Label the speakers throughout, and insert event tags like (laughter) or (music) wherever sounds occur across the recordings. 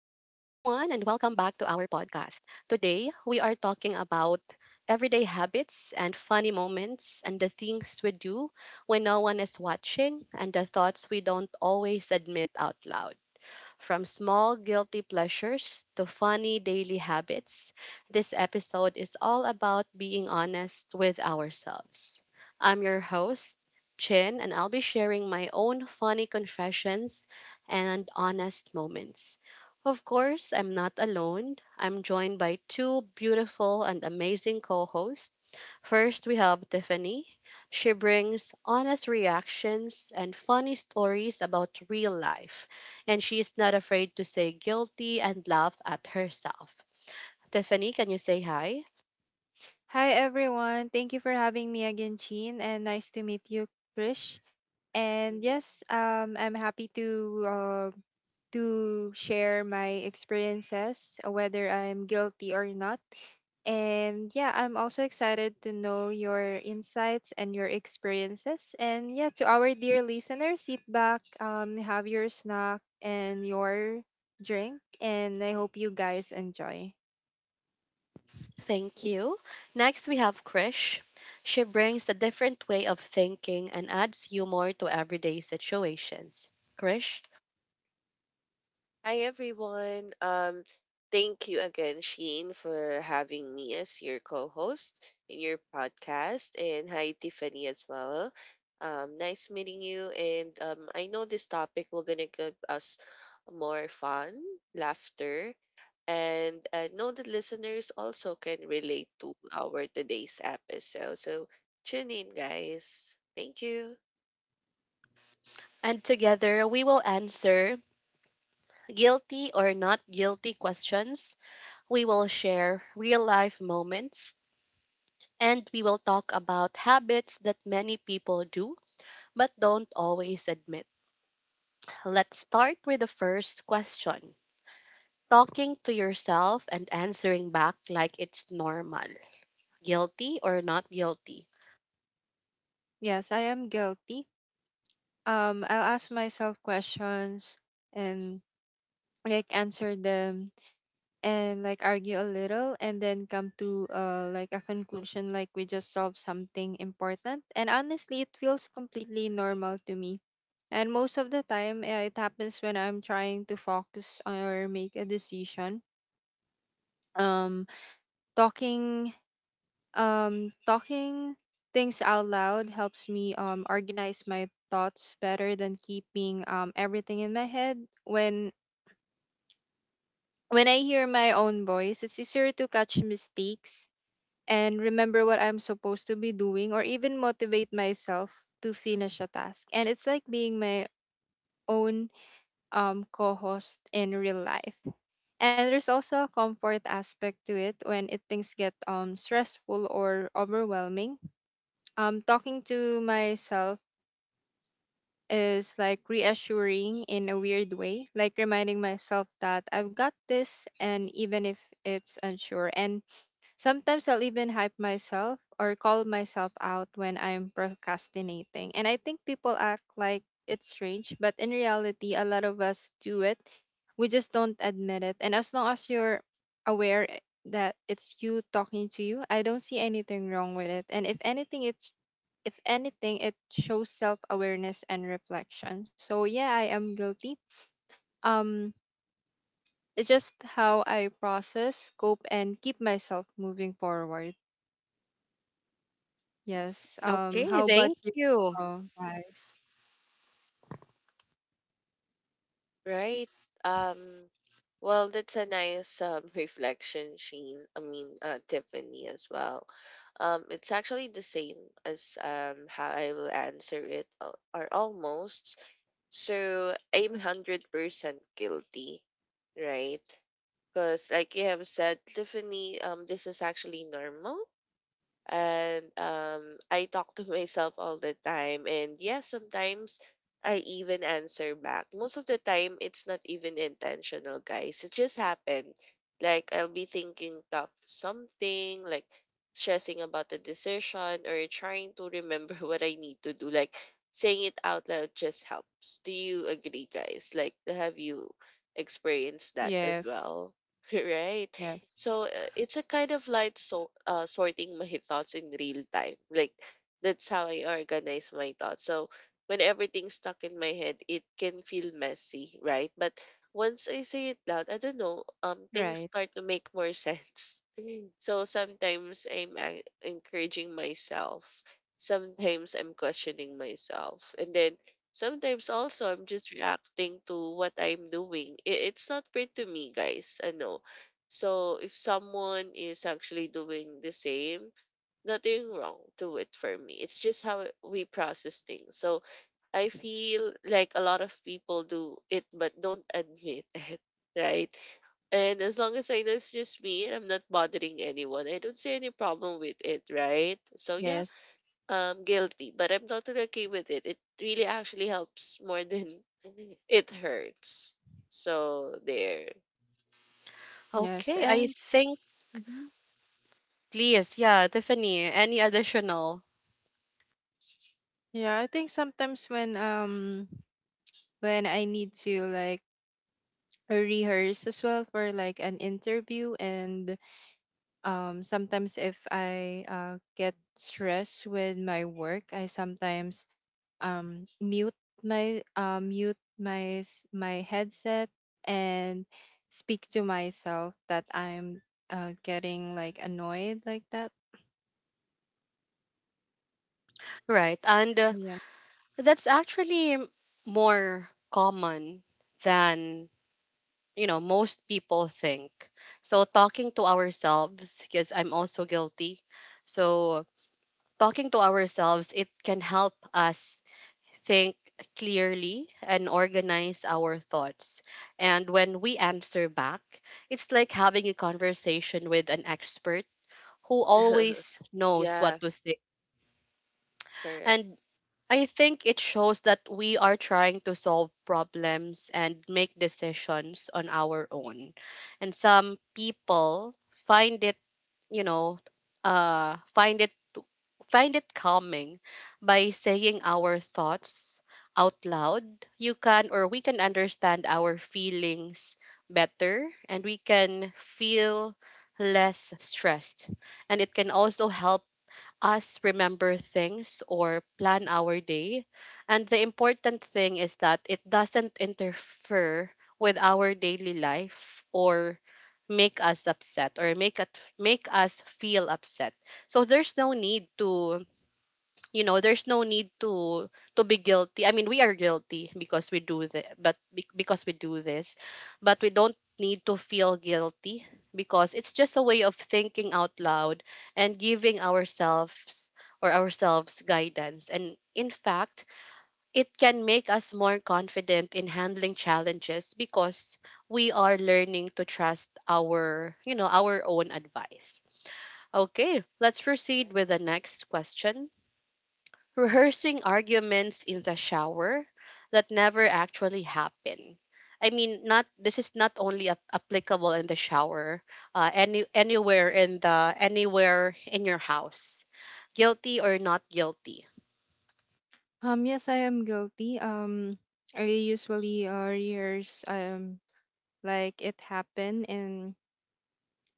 Speaker 1: our podcast. Today, we are talking about everyday habits and funny moments and the things we do when no one is watching and the thoughts we don't always admit out loud. From small guilty pleasures to funny daily habits, this episode is all about being honest with ourselves. I'm your host, Chin, and I'll be sharing my own funny confessions and honest moments. Of course, I'm not alone. I'm joined by two beautiful and amazing co hosts. First, we have Tiffany. She brings honest reactions and funny stories about real life, and she is not afraid to say guilty and laugh at herself. Tiffany, can you say hi?
Speaker 2: Hi everyone. Thank you for having me again, Chin, and nice to meet you, Krish. And
Speaker 3: Mhm.
Speaker 2: yes, I'm happy to share my experiences, whether I'm guilty or not. And yeah, I'm also excited to know your insights and your experiences. And yeah, to our dear listeners, sit back, have your snack and your drink, and I hope you guys enjoy.
Speaker 1: Thank you. Next, we have Krish. She brings a different way of thinking and adds humor to everyday situations. Krish?
Speaker 3: Hi everyone. Thank you again, Sheen, for having me as your co-host in your podcast, and hi Tiffany as well. Nice meeting you, and I know this topic will gonna give us more fun, laughter, and I know that listeners also can relate to our today's episode. So tune in, guys. Thank you.
Speaker 1: And together, we will answer guilty or not guilty questions. We will share real life moments, and we will talk about habits that many people do but don't always admit. Let's start with the first question. Talking to yourself and answering back like it's normal. Guilty or not guilty?
Speaker 2: Yes, I am guilty. I'll ask myself questions and like answer them, and like argue a little and then come to like a conclusion, like we just solved something important, and honestly it feels completely normal to me. And most of the time it happens when I'm trying to focus or make a decision. Um talking Um, talking things out loud helps me organize my thoughts better than keeping everything in my head. When when I hear my own voice, it's easier to catch mistakes and remember what I'm supposed to be doing, or even motivate myself to finish a task. And it's like being my own co-host in real life. And there's also a comfort aspect to it when it things get stressful or overwhelming. Talking to myself is like reassuring in a weird way, like reminding myself that I've got this. And even if it's unsure, and sometimes I'll even hype myself or call myself out when I'm procrastinating. And I think people act like it's strange, but in reality, a lot of us do it. We just don't admit it. And as long as you're aware i- that it's you talking to you, I don't see anything wrong with it. And if anything, it's if anything, it shows self awareness and reflection. So yeah, I am guilty. Um, it's just how I process, cope, and keep myself moving forward. Yes.
Speaker 1: Okay,
Speaker 2: How about
Speaker 1: thank
Speaker 2: you,
Speaker 1: you.
Speaker 2: guys?
Speaker 3: Right. Um, well, that's a nice (laughs) reflection, Sheen. I mean, Tiffany as well. It's actually the same as how I will answer it, or almost. So I'm 100% guilty, right? Because, like you have said, Tiffany, this is actually normal and I talk to myself all the time. And yes, sometimes I even answer back. Most of the time, it's not even intentional, guys. It just happened. Like I'll be thinking of something, like stressing about the decision, or trying to remember (laughs) what I need to do. Like saying it out loud just helps. Do you agree, guys? Like, have you experienced that as
Speaker 2: Yes.
Speaker 3: well? (laughs) Right?
Speaker 2: Yes.
Speaker 3: So it's a kind of like so sorting my thoughts in real time. Like that's how I organize my thoughts. So when everything's stuck in my head, it can feel messy, right? But once I say it loud, I don't know, things
Speaker 2: Right.
Speaker 3: start to make more (laughs) sense. So sometimes encouraging myself. Sometimes I'm questioning myself. And then sometimes also I'm just reacting to what I'm doing. It's not fair to me, guys. I know. So if someone is actually doing the same, nothing wrong to it for me. It's just how we process things. So I feel like a lot of people do it but don't admit (laughs) it, right? And as long as I know it's just me and I'm not bothering anyone, I don't see any problem with it, right? So yeah,
Speaker 2: Yes.
Speaker 3: guilty, but I'm totally okay with it. It really actually helps more than (laughs) it hurts. So there.
Speaker 2: Yes.
Speaker 1: Okay, I
Speaker 2: And
Speaker 1: think,
Speaker 2: mhm.
Speaker 1: please, yeah, Tiffany, any additional?
Speaker 2: Yeah, I think sometimes when I need to like rehearse as well for like an interview, and sometimes if I get stressed with my work, I sometimes mute my my headset and speak to myself that I'm getting like annoyed, like that.
Speaker 1: Right, and
Speaker 2: Oh yeah.
Speaker 1: that's actually more common than, you know, most people think. So talking to ourselves, because I'm also guilty. So talking to ourselves, it can help us think clearly and organize our thoughts. And when we answer back, it's like having a conversation with an expert who
Speaker 3: (laughs)
Speaker 1: always knows what
Speaker 3: Yeah,
Speaker 1: to say.
Speaker 3: correct.
Speaker 1: And I think it shows that we are trying to solve problems and make decisions on our own. And some people find it, you know, uh, find it Find it calming by saying our thoughts out loud. You can, or we can, understand our feelings better, and we can feel less stressed. And it can also help us remember things or plan our day. And the important thing is that it doesn't interfere with our daily life or make us upset or make it make us feel upset. So there's no need to be guilty. I mean, we are guilty because we do this, but we don't need to feel guilty, because it's just a way of thinking out loud and giving ourselves or ourselves guidance, and in fact it can make us more confident in handling challenges, because we are learning to trust our you know our own advice. Okay, let's proceed
Speaker 3: Right?
Speaker 1: with the next question. Rehearsing arguments in the shower that never actually happen. I mean, not this is not only applicable in the shower, anywhere in the anywhere in your house, guilty or not guilty.
Speaker 2: Yes, I am guilty. I usually years like it happened, and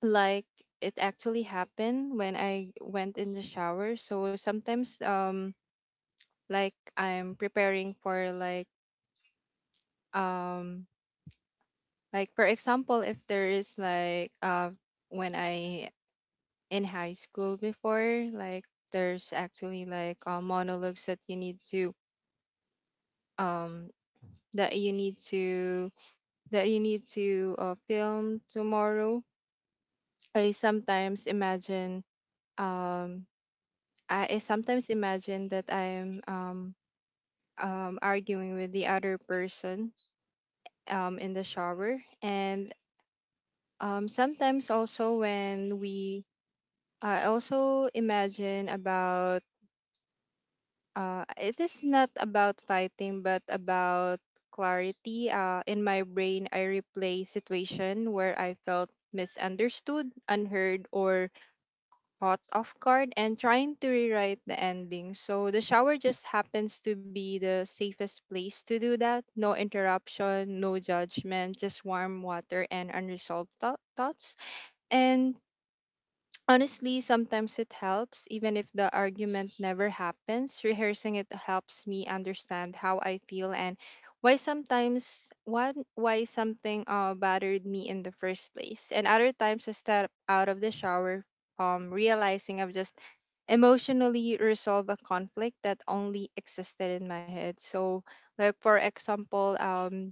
Speaker 2: like it actually happened when I went in the shower. So sometimes like I'm preparing for like um Like for example, if there is like when I in high school before, like there's actually like monologues that you need to um that you need to that you need to film tomorrow. I sometimes imagine um that I'm arguing with the other person in the shower. And sometimes also when we I also imagine about it is not about fighting, but about clarity. In my brain, I replay situation where I felt misunderstood, unheard, or caught off guard, and trying to rewrite the ending. So the shower just happens to be the safest place to do that. No interruption, no judgment, just warm water and unresolved thoughts. And honestly, sometimes it helps, even if the argument never happens. Rehearsing it helps me understand how I feel, and why sometimes what why something bothered me in the first place. And other times I step out of the shower, realizing I've just emotionally resolved a conflict that only existed in my head. So, like for example,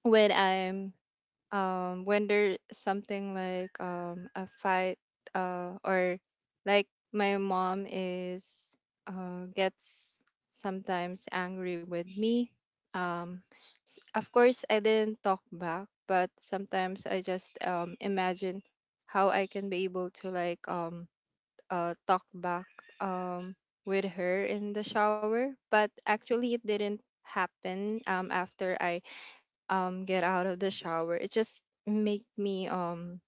Speaker 2: when I'm when there's something like a fight or like my mom is gets sometimes angry with me, um of course I didn't talk back, but sometimes I just imagine how I can be able to like talk back um with her in the shower, but actually it didn't happen. After I get out of the shower, it just make me um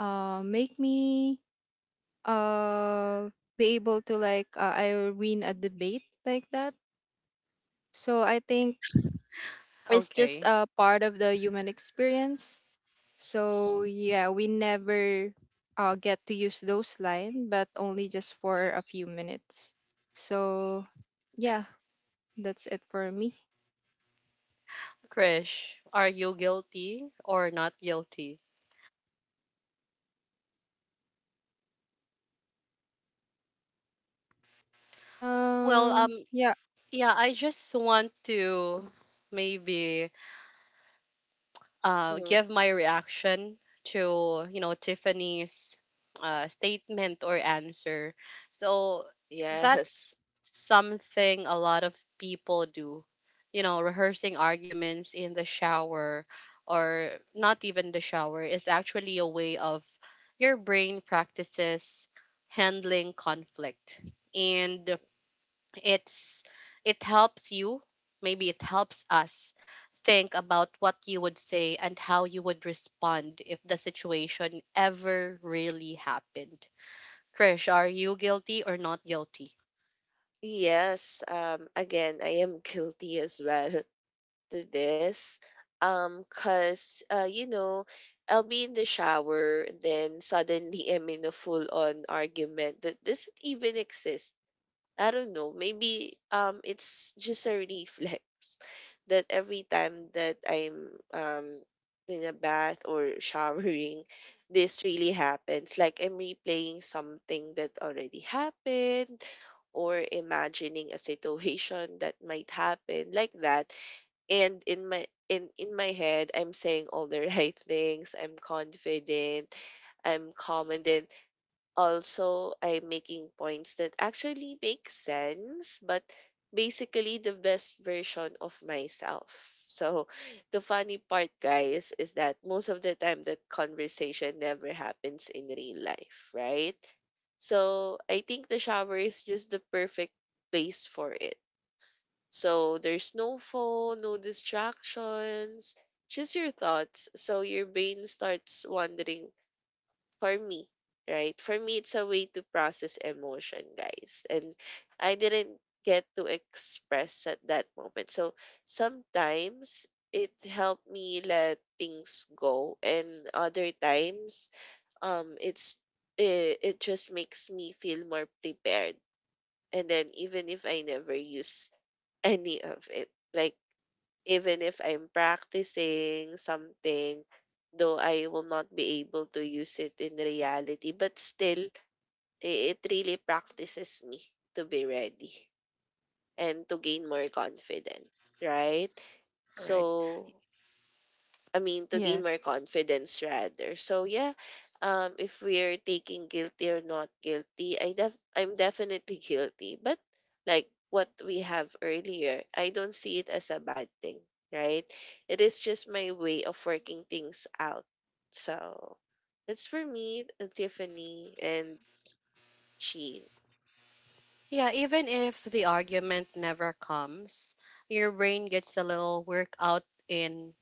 Speaker 2: uh make me uh be able to like I win a debate, like that. So I think it's just
Speaker 1: Okay,
Speaker 2: a part of the human experience, so yeah, we never get to use those lines, but only just for a few minutes. So yeah, that's it for me.
Speaker 1: Krish, are you guilty or not guilty? Well,
Speaker 2: Yeah.
Speaker 1: yeah, I just want to maybe
Speaker 3: Mhm.
Speaker 1: give my reaction to, you know, Tiffany's statement or answer. So
Speaker 3: Yes.
Speaker 1: that's something a lot of people do. You know, rehearsing arguments in the shower, or not even the shower, is actually a way of your brain practices handling conflict. And
Speaker 3: (laughs)
Speaker 1: it's it helps you, maybe it helps us think about what you would say and how you would respond if the situation ever really happened. Krish, are you guilty or not guilty?
Speaker 3: Yes, again, I am guilty as well to this, cuz you know, I'll be in the shower and then suddenly I'm in a full on argument that doesn't even exist. I don't know. Maybe it's just a reflex (laughs) that every time that I'm in a bath or (laughs) showering this really happens. Like I'm replaying something that already happened or imagining a situation that might happen like that, and in my head I'm saying all the (laughs) right things. I'm confident, I'm calm, and then also I'm making points that actually make sense, but basically the best version of myself. So the funny part, guys, is that most of the time that conversation never happens in real life, right? So I think the shower is just the perfect place for it. So there's no phone, no distractions, just your thoughts. So your brain starts wandering. For me, right? For me, it's a way to process emotion, guys. And I didn't get to express at that moment. So sometimes it helped me let things go, and other times, it's it just makes me feel more prepared. And then even if I never use any of it. Like even if I'm practicing something, though I will not be able to use it in reality, but still it really practices me to be ready and to gain more confidence, right?
Speaker 1: Right,
Speaker 3: So I mean, to gain more
Speaker 2: Yes.
Speaker 3: confidence rather. So yeah, if we're taking guilty or not guilty, I'm definitely (laughs) guilty. But like what we have earlier, I don't see it as a bad thing, right? It is just my way of working things out. So that's for me, Tiffany and Sheen.
Speaker 1: yeah, even if the argument never comes, your brain gets a little workout in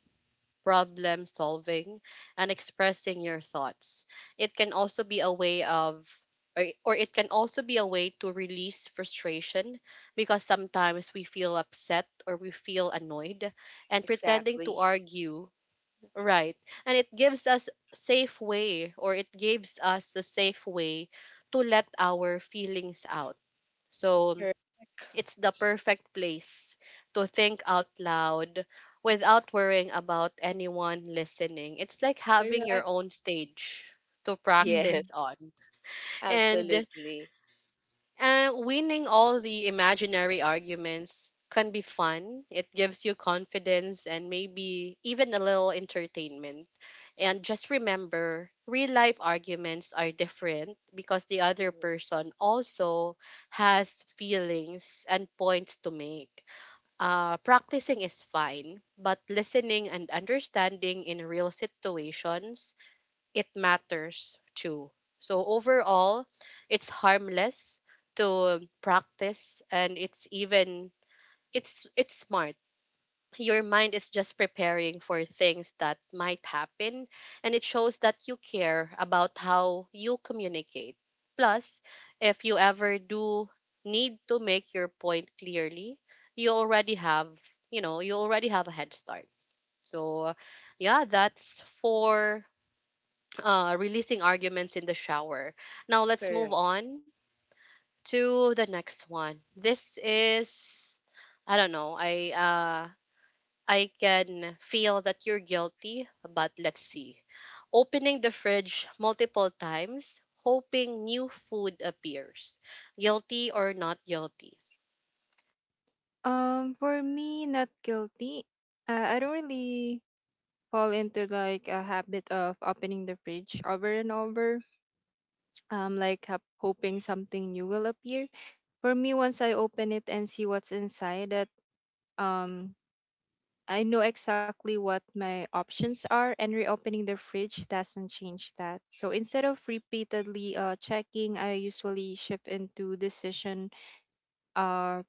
Speaker 1: problem solving and expressing your thoughts. It can also be a way of or it can also be a way to release frustration, because sometimes we feel upset or we feel annoyed and pretending to
Speaker 3: Exactly.
Speaker 1: argue, right? And it gives us a safe way to let our feelings out. So
Speaker 3: Correct.
Speaker 1: it's the
Speaker 3: Mhm.
Speaker 1: perfect place to think out loud without worrying about anyone listening. It's like having your
Speaker 3: Correct.
Speaker 1: own
Speaker 3: (laughs)
Speaker 1: stage to practice
Speaker 3: Yes.
Speaker 1: on. And
Speaker 3: Absolutely.
Speaker 1: winning all the imaginary arguments can be fun. It gives you confidence and maybe even a little entertainment. And just remember, real life arguments are different because the other
Speaker 3: Mhm.
Speaker 1: person also has feelings and points to make. Practicing is fine, but listening and understanding in real situations, it matters too. So overall, it's harmless to practice, and it's even it's smart. Your mind is just preparing for things that might happen, and it shows that you care about how you communicate. Plus, if you ever do need to make your point clearly, you already have, you already have a head start. So yeah, that's for releasing arguments in the shower. Now let's move
Speaker 3: Correct.
Speaker 1: on to the next one. This is, I don't know, I can feel that you're guilty, but let's see. Opening the fridge multiple times, hoping new food appears. Guilty or not guilty?
Speaker 2: For me, not guilty. I don't really fall into like a habit of opening the fridge over and over, like hoping something new will appear. For me, once I open it and see what's inside, that um, I know exactly what my options are, and reopening the fridge doesn't change that. So instead of repeatedly checking, I usually shift into decision uh,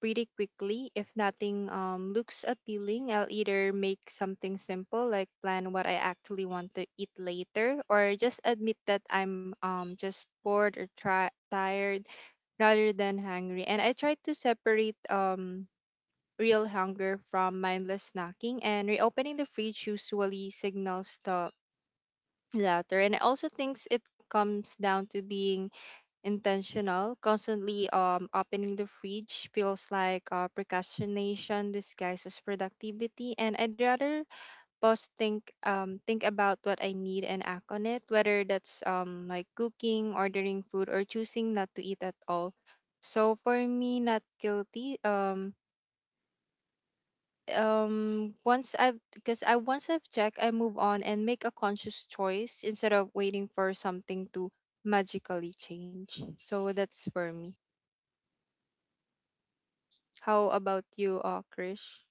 Speaker 2: pretty quickly. If nothing looks appealing, I'll either make something simple, like plan what I actually want to eat later, or just admit that I'm just bored or tired rather than hungry. And I try to separate real hunger from mindless snacking, and reopening the fridge usually signals the latter. And I also think it comes down to being intentional. Constantly opening the fridge feels like procrastination disguised as productivity, and I'd rather pause, think about what I need and act on it, whether that's like cooking, ordering food, or choosing not to eat at all. So for me, not guilty. Once I've checked, I move on and make a conscious choice instead of waiting for something to magically change. So that's for me. How about you, Krish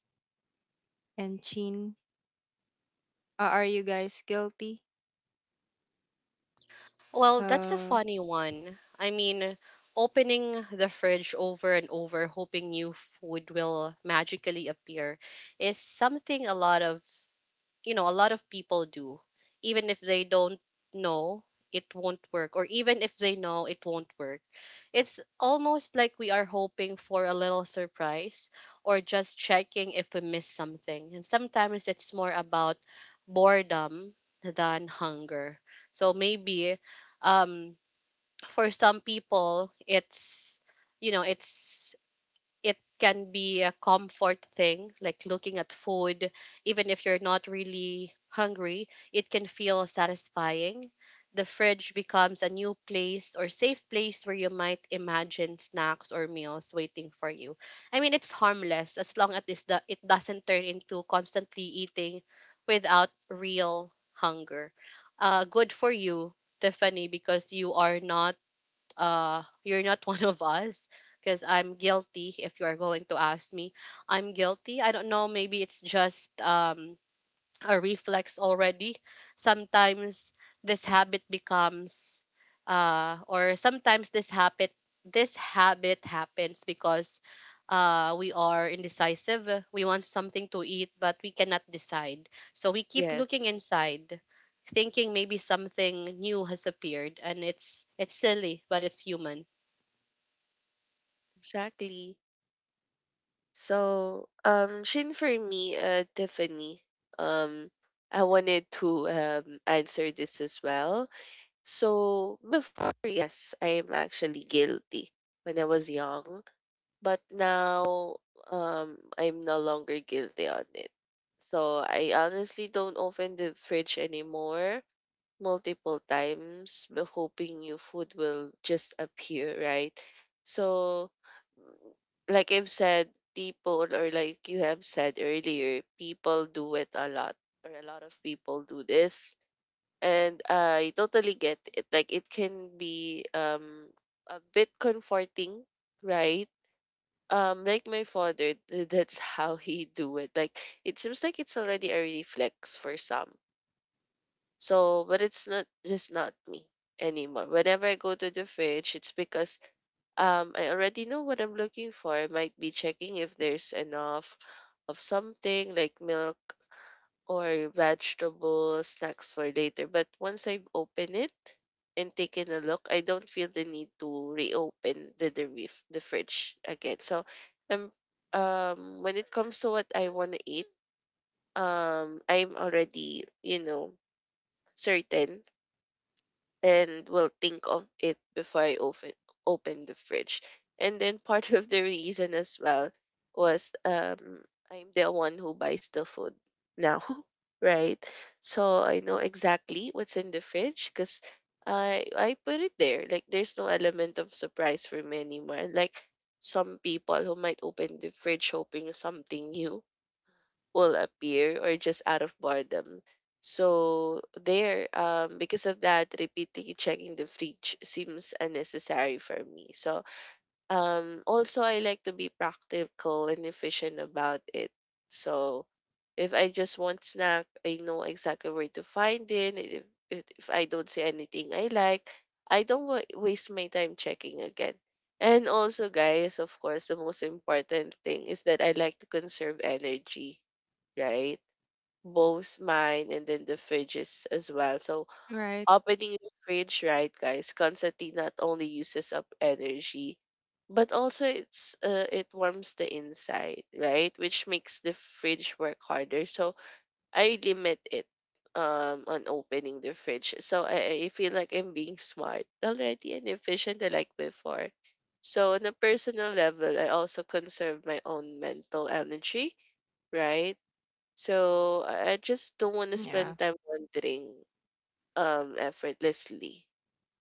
Speaker 2: and Chin? Are you guys guilty?
Speaker 1: Well, that's a
Speaker 2: Uh,
Speaker 1: funny one. I mean, opening the fridge over and over, hoping new food will magically appear, is something a lot of people do. Even if they don't know, it won't work. Or even if they know, it won't work. It's almost like we are hoping for a little surprise or just checking if we miss something. And sometimes it's more about boredom than hunger. So maybe, um, for some people, it's, you know, it can be a comfort thing, like looking at food. Even if you're not really hungry, it can feel satisfying. The fridge becomes a new place or safe place where you might imagine snacks or meals waiting for you. I mean, it's harmless as long as it doesn't turn into constantly eating without real hunger. Good for you, Tiffany, because you are not you're not (laughs) one of us, because I'm guilty if you are going to ask me. I'm guilty. I don't know, maybe it's just a reflex already. Sometimes this habit becomes or sometimes this habit happens because we are indecisive. We want something to eat but we cannot decide. So we keep looking
Speaker 3: Yes.
Speaker 1: inside, thinking maybe something new has appeared, and it's silly, but it's human.
Speaker 3: Exactly. So, Shin, for me, Tiffany, um, I wanted to answer this as well. So before, yes, I am actually guilty when I was young, but now, I'm no longer guilty on it. So I honestly don't open the fridge anymore multiple times but hoping new food will just appear, right? So, mm, like I've said, people, or like you have said earlier, people do it a lot, or a lot of people do this. And I totally get it. Like, it can be a bit comforting, right? Like my father, (laughs) that's how he do it. Like, it seems like it's already a reflex for some. So, but it's not just not me anymore. Whenever I go to the fridge, it's because I already know what I'm looking for. I might be checking if there's enough of something like milk or vegetables, snacks for later. But once I've opened it and taken a look, I don't feel the need to reopen the fridge again. So I'm when it comes to what I wanna eat, I'm already, you know, certain and will think of it before I open the fridge. And then part of the reason as well was I'm the one who buys the food now, (laughs) right? So I know exactly what's in the fridge because I put it there. Like there's no element of surprise for me anymore. Like some people who might open the fridge hoping something new will appear or just out of boredom. So there, because of that, repeatedly checking the fridge seems unnecessary for me. So also I like to be practical and efficient about it. So if I just want snack, I know exactly where to find it. And if I don't see anything I like, I don't waste my time checking again. And also, guys, of course, the most important thing is that I like to conserve energy, right? Both mine and then the fridges as well. So
Speaker 2: Right.
Speaker 3: opening the fridge, right, guys, constantly not only uses up energy, but also it's it warms the inside, right? Which makes the fridge work harder. So I limit it on opening the fridge. So I feel like I'm being smart already and efficient like before. So on a personal level, I also conserve my own mental energy, right? So I just don't want to spend
Speaker 2: Yeah.
Speaker 3: time wandering effortlessly.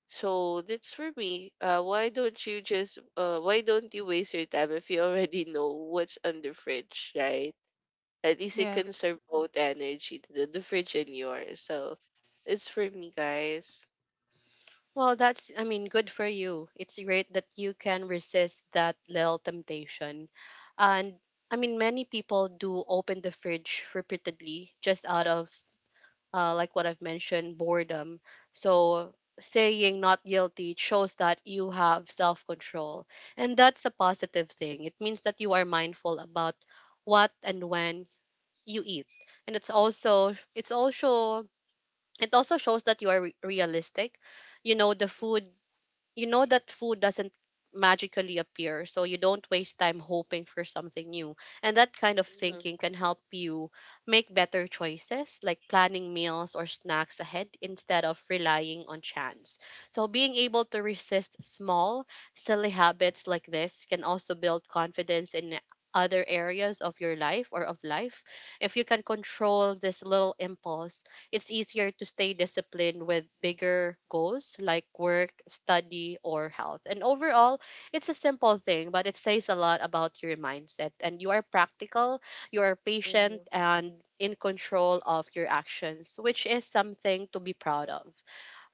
Speaker 3: So that's for me. Why don't you waste your time if you already know what's on the fridge, right? At least you conserve
Speaker 2: Yes.
Speaker 3: both energy, the fridge and yours. So it's for me, guys.
Speaker 1: Well, that's, I mean, good for you. It's great that you can resist that little temptation. And I mean, many people do open the fridge repeatedly just out of, like what I've mentioned, boredom. So saying not guilty shows that you have self control. And that's a positive thing. It means that you are mindful about what and when you eat. And it's also, it also shows that you are realistic. You know the food, you know that food doesn't magically appear, so you don't waste time hoping for something new. And that kind of
Speaker 3: Mm-hmm,
Speaker 1: thinking can help you make better choices, like planning meals or snacks ahead instead of relying on chance. So being able to resist small silly habits like this can also build confidence in other areas of your life, or of life. If you can control this little impulse, it's easier to stay disciplined with bigger goals like work, study, or health. And overall, it's a simple thing, but it says a lot about your mindset. And you are practical, you are patient,
Speaker 3: mm-hmm,
Speaker 1: and in control of your actions, which is something to be proud of.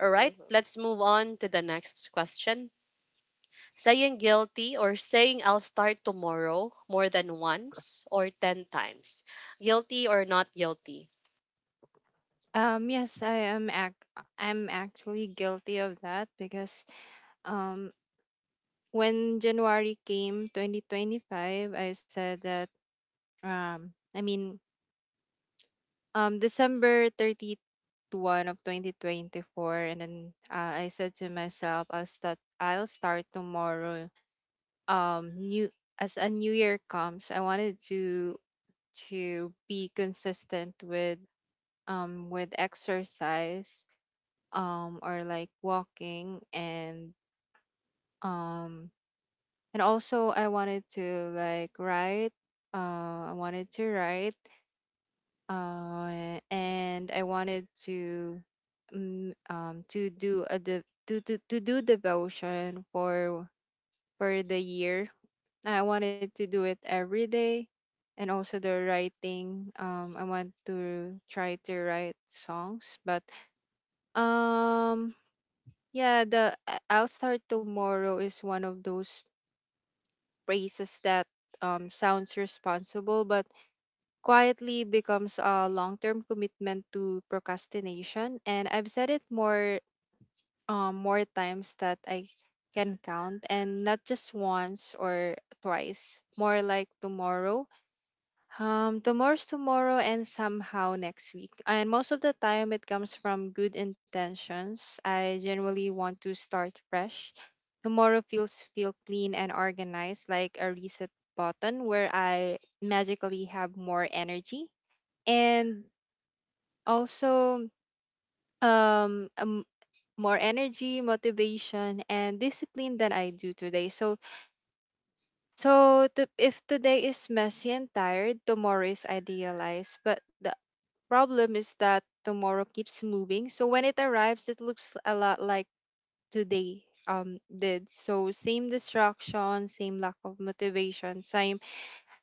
Speaker 1: All right,
Speaker 3: mm-hmm.
Speaker 1: let's move on to the next question. Saying guilty, or saying I'll start tomorrow more than once or 10 times. Guilty or not guilty?
Speaker 2: Um, yes, I am. I'm actually guilty of that because um, when January came, 2025, I said that um, I mean December 30 of 2024, and then I said to myself, I'll start tomorrow. New, as a new year comes, I wanted to be consistent with exercise, or like walking. And um and also I wanted to like write I wanted to write, and I wanted to mm, to do a de- to do devotion for the year. I wanted to do it every day. And also the writing. I want to try to write songs, but um, yeah, the I'll start tomorrow is one of those phrases that sounds responsible, but quietly becomes a long-term commitment to procrastination. And I've said it more times that I can count, and not just once or twice. More like tomorrow, tomorrow's tomorrow, and somehow next week. And most of the time, it comes from good intentions. I generally want to start fresh. Tomorrow feel clean and organized, like a reset button where I magically have more energy, and also um, um more energy, motivation, and discipline than I do today. So if today is messy and tired, tomorrow is idealized. But the problem is that tomorrow keeps moving. So when it arrives, it looks a lot like today did. So same distraction, same lack of motivation, same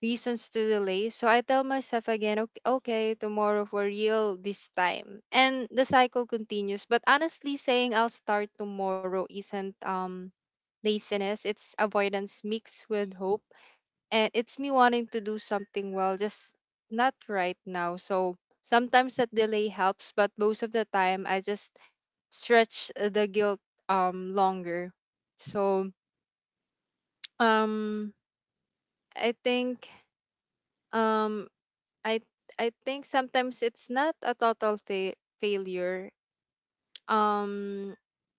Speaker 2: reasons to delay. So I tell myself again, okay, okay, tomorrow for real this time. And the cycle continues. But honestly, saying I'll start tomorrow isn't laziness, it's avoidance mixed with hope, and it's me wanting to do something well, just not right now. So sometimes that delay helps, but most of the time I just stretch the guilt longer. So um I think um I I think sometimes it's not a total failure. Um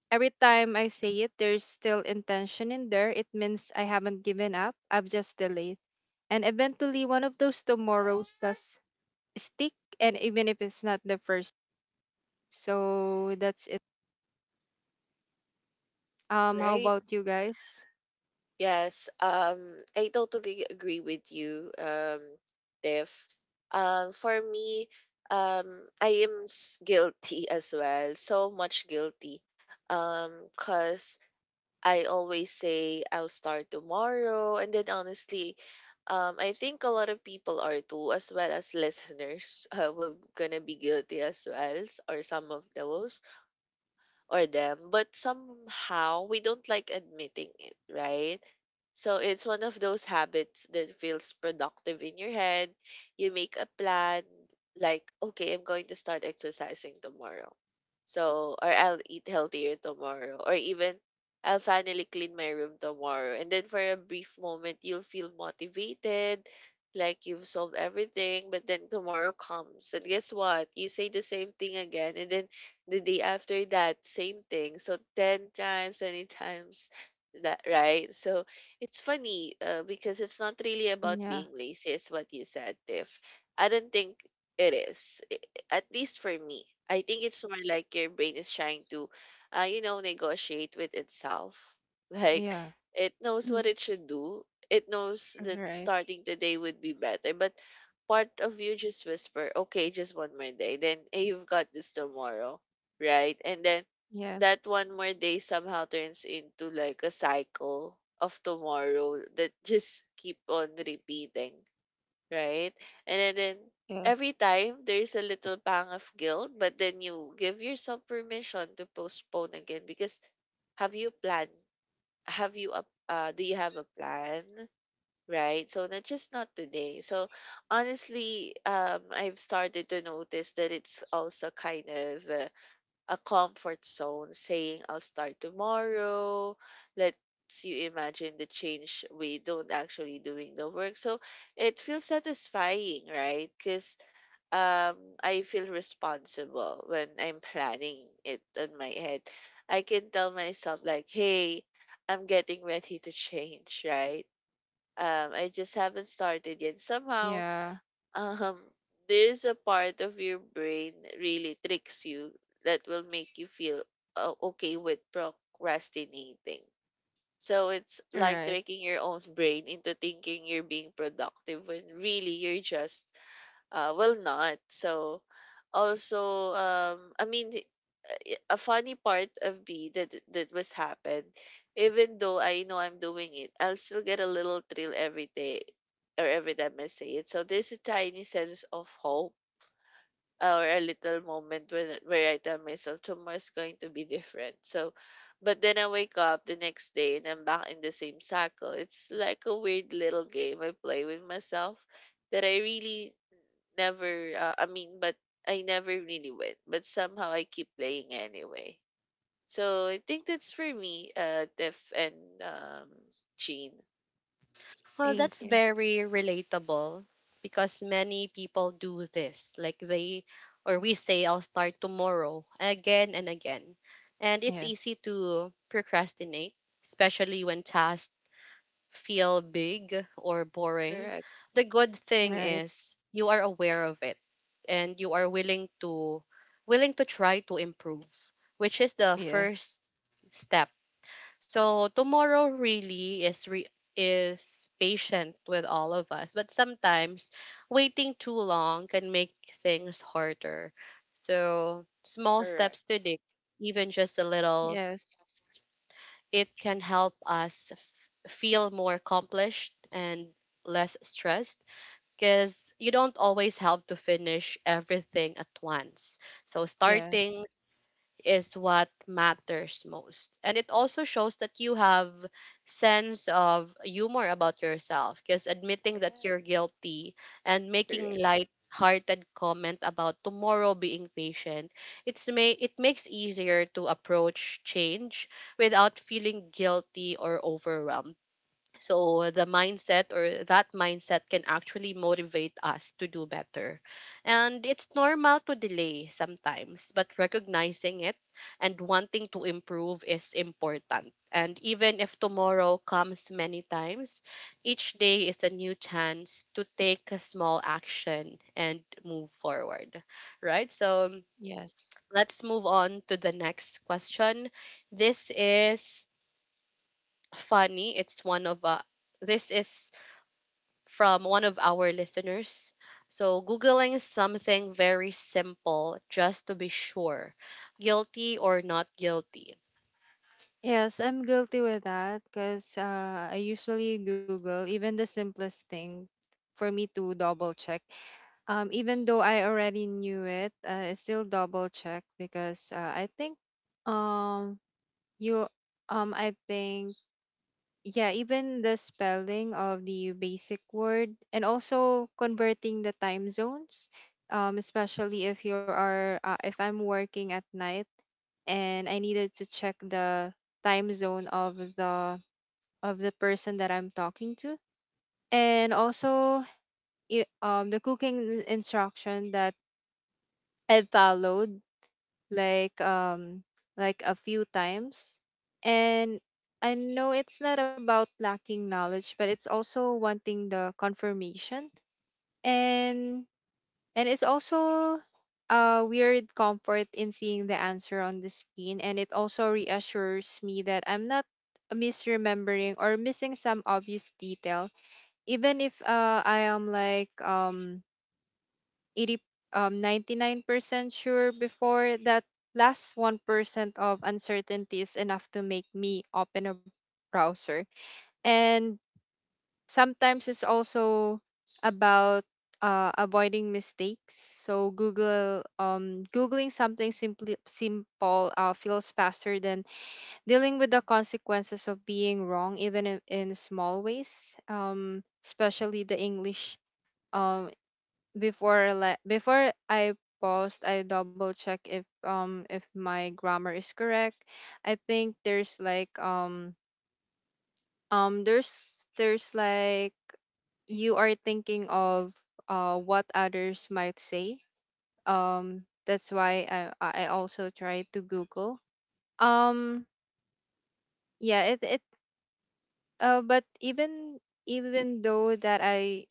Speaker 2: every time I say it, there's still intention in there. It means I haven't given up. I've just delayed. And eventually one of those tomorrows does stick, and even if it's not the first, so that's it. How
Speaker 3: Right.
Speaker 2: about you guys?
Speaker 3: Yes, I totally agree with you, Tiff. For me, guilty as well, so much guilty. 'Cause I always say I'll start tomorrow, and then honestly, I think a lot of people are too, as well as listeners, (laughs) will gonna be guilty as well, s or some of those or them, but somehow we don't like admitting it, right? So it's one of those habits that feels productive in your head. You make a plan like, okay, I'm going to start exercising tomorrow. So, or I'll eat healthier tomorrow, or even I'll finally clean my room tomorrow. And then for a brief moment, you'll feel motivated, like you've solved everything. But then tomorrow comes, and guess what? You say the same thing again, and then the day after that, same thing. So 10 times, 20 times that, right? So it's funny because it's not really about
Speaker 2: Yeah.
Speaker 3: being lazy, is what you said, Tiff. I don't think it is, at least for me. I think it's more like your brain is trying to, you know, negotiate with itself. (laughs) Like
Speaker 2: Yeah.
Speaker 3: it knows
Speaker 2: Mm.
Speaker 3: what it should do. It knows
Speaker 2: All
Speaker 3: that
Speaker 2: right.
Speaker 3: starting today would be better, but part of you just whisper, okay, just one more day. Then eh, you've got this tomorrow, right? And then
Speaker 2: Yes.
Speaker 3: that one more day somehow turns into like a cycle of tomorrow that just keep on repeating, right? And then
Speaker 2: Yes.
Speaker 3: every time there's a little pang of guilt, but then you give yourself permission to postpone again. Because have you planned? Have you a Do you have a plan? Right? So not just not today. So honestly, I've started to notice that it's also kind of a comfort zone saying I'll start tomorrow. Let's you imagine the change we don't actually doing the work. So it feels satisfying, right? Because um I feel responsible when I'm planning it on my head. I can tell myself like, hey, I'm getting ready to change, right? I just haven't started yet. Somehow
Speaker 2: Yeah.
Speaker 3: um there's a part of your brain that really tricks you that will make you feel okay with procrastinating. So it's
Speaker 2: All
Speaker 3: like
Speaker 2: right.
Speaker 3: tricking your own brain into thinking you're being productive when really you're just well not. So also a funny part of me that was happened. Even though I know I'm doing it, I'll still get a little thrill every day or every time I say it. So there's a tiny sense of hope or a little moment when where I tell myself tomorrow's going to be different. But then I wake up the next day and I'm back in the same cycle. It's like a weird little game I play with myself that never. Uh, I mean, but I never really win. But somehow I keep playing anyway. So I think that's for me, Tiff and um, Jean.
Speaker 1: Well,
Speaker 2: Thank
Speaker 1: that's
Speaker 2: you.
Speaker 1: very relatable, because many people do this. Like they, or we, say I'll start tomorrow again and again. And it's easy
Speaker 2: Yes.
Speaker 1: to procrastinate, especially when tasks feel big or boring.
Speaker 3: Correct,
Speaker 1: The good
Speaker 2: All
Speaker 1: thing
Speaker 2: right.
Speaker 1: is you are aware of it, and you are willing to try to improve, which is the
Speaker 2: Yes.
Speaker 1: first step. So tomorrow really is patient with all of us, but sometimes waiting too long can make things harder. So small
Speaker 3: correct.
Speaker 1: steps today, even just a little,
Speaker 2: Yes.
Speaker 1: it can help us feel more accomplished and less stressed, because you don't always have to finish everything at once. So
Speaker 2: Yes.
Speaker 1: starting is what matters most. And it also shows that you have sense of humor about yourself, because admitting that
Speaker 3: Yes,
Speaker 1: you're guilty and
Speaker 3: correct.
Speaker 1: making light hearted comment about tomorrow being patient, it makes easier to approach change without feeling guilty or overwhelmed. So the mindset or that mindset can actually motivate us to do better. And it's normal to delay sometimes, but recognizing it and wanting to improve is important. And even if tomorrow comes many times, each day is a new chance to take a small action and move forward. Right? So
Speaker 2: Yes.
Speaker 1: let's move on to the next question. This is funny. It's one of this is from one of our listeners. So, Googling something very simple just to be sure, guilty or not guilty?
Speaker 2: Yes, I'm guilty with that because I usually google even the simplest thing for me to double check. Even though I already knew it, I still double check because I think um you I think, yeah, even the spelling of the basic word, and also converting the time zones, especially if you are if I'm working at night and I needed to check the time zone of the person that I'm talking to. And also the cooking instruction that I followed like um like a few times and I know it's not about lacking knowledge, but it's also wanting the confirmation. And and it's also a weird comfort in seeing the answer on the screen, and it also reassures me that I'm not misremembering or missing some obvious detail, even if I am like 80 99% sure. Before that last 1% of uncertainty is enough to make me open a browser. And sometimes it's also about avoiding mistakes. So google googling something simply simple feels faster than dealing with the consequences of being wrong, even in small ways. Especially the English. um Before I post, I double check if my grammar is correct. I think there's like there's like you are thinking of what others might say. That's why I also try to Google. Um yeah, it, but even though that I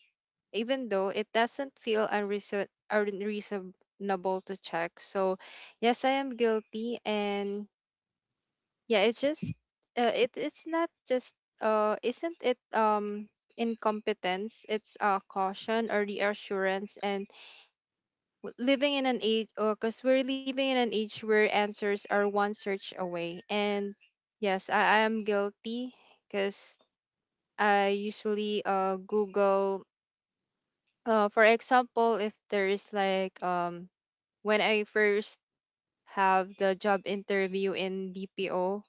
Speaker 2: even though it doesn't feel unreasonable to check. So, yes, I am guilty, and yeah, it's just it's not just, isn't it, incompetence. It's caution or reassurance, and living in an age, because we're living in an age where answers are one search away. And yes, I am guilty. Because I usually Google. For example, if there is like when I first have the job interview in BPO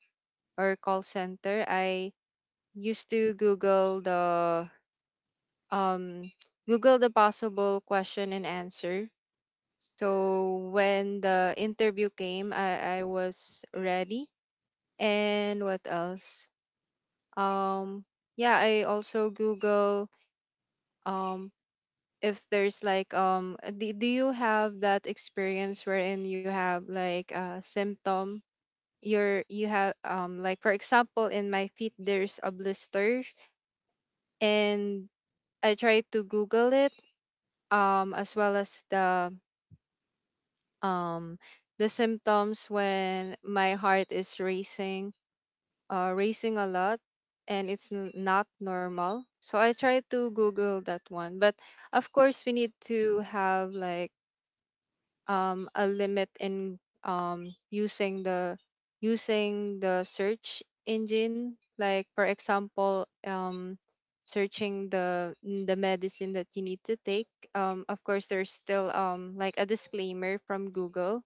Speaker 2: or call center, I used to Google the um Google the possible question and answer. So when the interview came, I was ready. And what else? Um yeah, I also Google um if there's like do you have that experience wherein you have like a symptom? You have like, for example, in my feet there's a blister, and I tried to Google it, as well as um the symptoms when my heart is racing, racing a lot, and it's not normal, so I tried to Google that one. But of course we need to have like a limit in using the search engine. Like for example, searching the medicine that you need to take. Of course there's still like a disclaimer from Google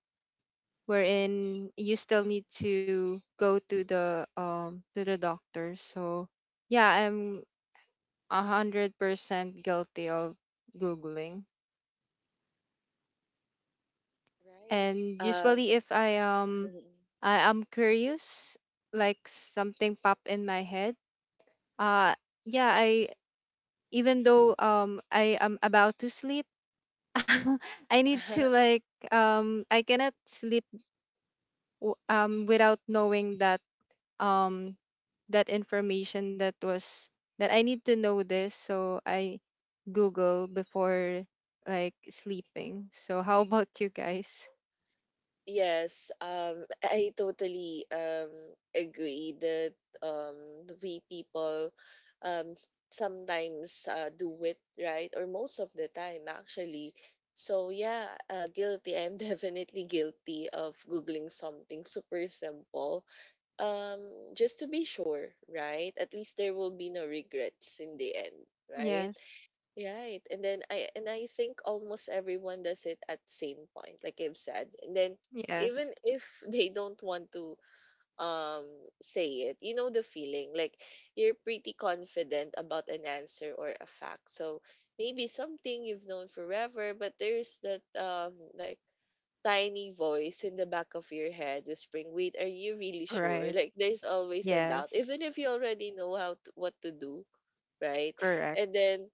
Speaker 2: wherein you still need to go to the doctor. So yeah, I'm 100% guilty of googling.
Speaker 3: Right.
Speaker 2: And usually if I I am curious, like something pop in my head. Uh yeah, I, even though I am about to sleep, (laughs) I need to
Speaker 3: Um, (laughs)
Speaker 2: like I cannot sleep without knowing that um that information that was that I need to know this, so I Google before like sleeping. So how (laughs) about you guys?
Speaker 3: Yes, I totally agree that we people, sometimes do it, right? Or most of the time, actually. So, yeah, guilty. I'm (laughs) definitely guilty of Googling something super simple, um, just to be sure, right? At least there will be no regrets in the end, right?
Speaker 2: Yes.
Speaker 3: Right. And then I think almost everyone does it at same point, like I've said. And then even
Speaker 2: Yes.
Speaker 3: if (laughs) they don't want to um say it, you know the feeling. Like you're pretty confident about an answer or a fact. So maybe something you've known forever, but there's that tiny voice in the back of your head whispering, "Wait, are you really sure?"
Speaker 2: Right.
Speaker 3: Like there's always a doubt, even
Speaker 2: Yes,
Speaker 3: if you already know how to, what to do, right?
Speaker 2: correct.
Speaker 3: And then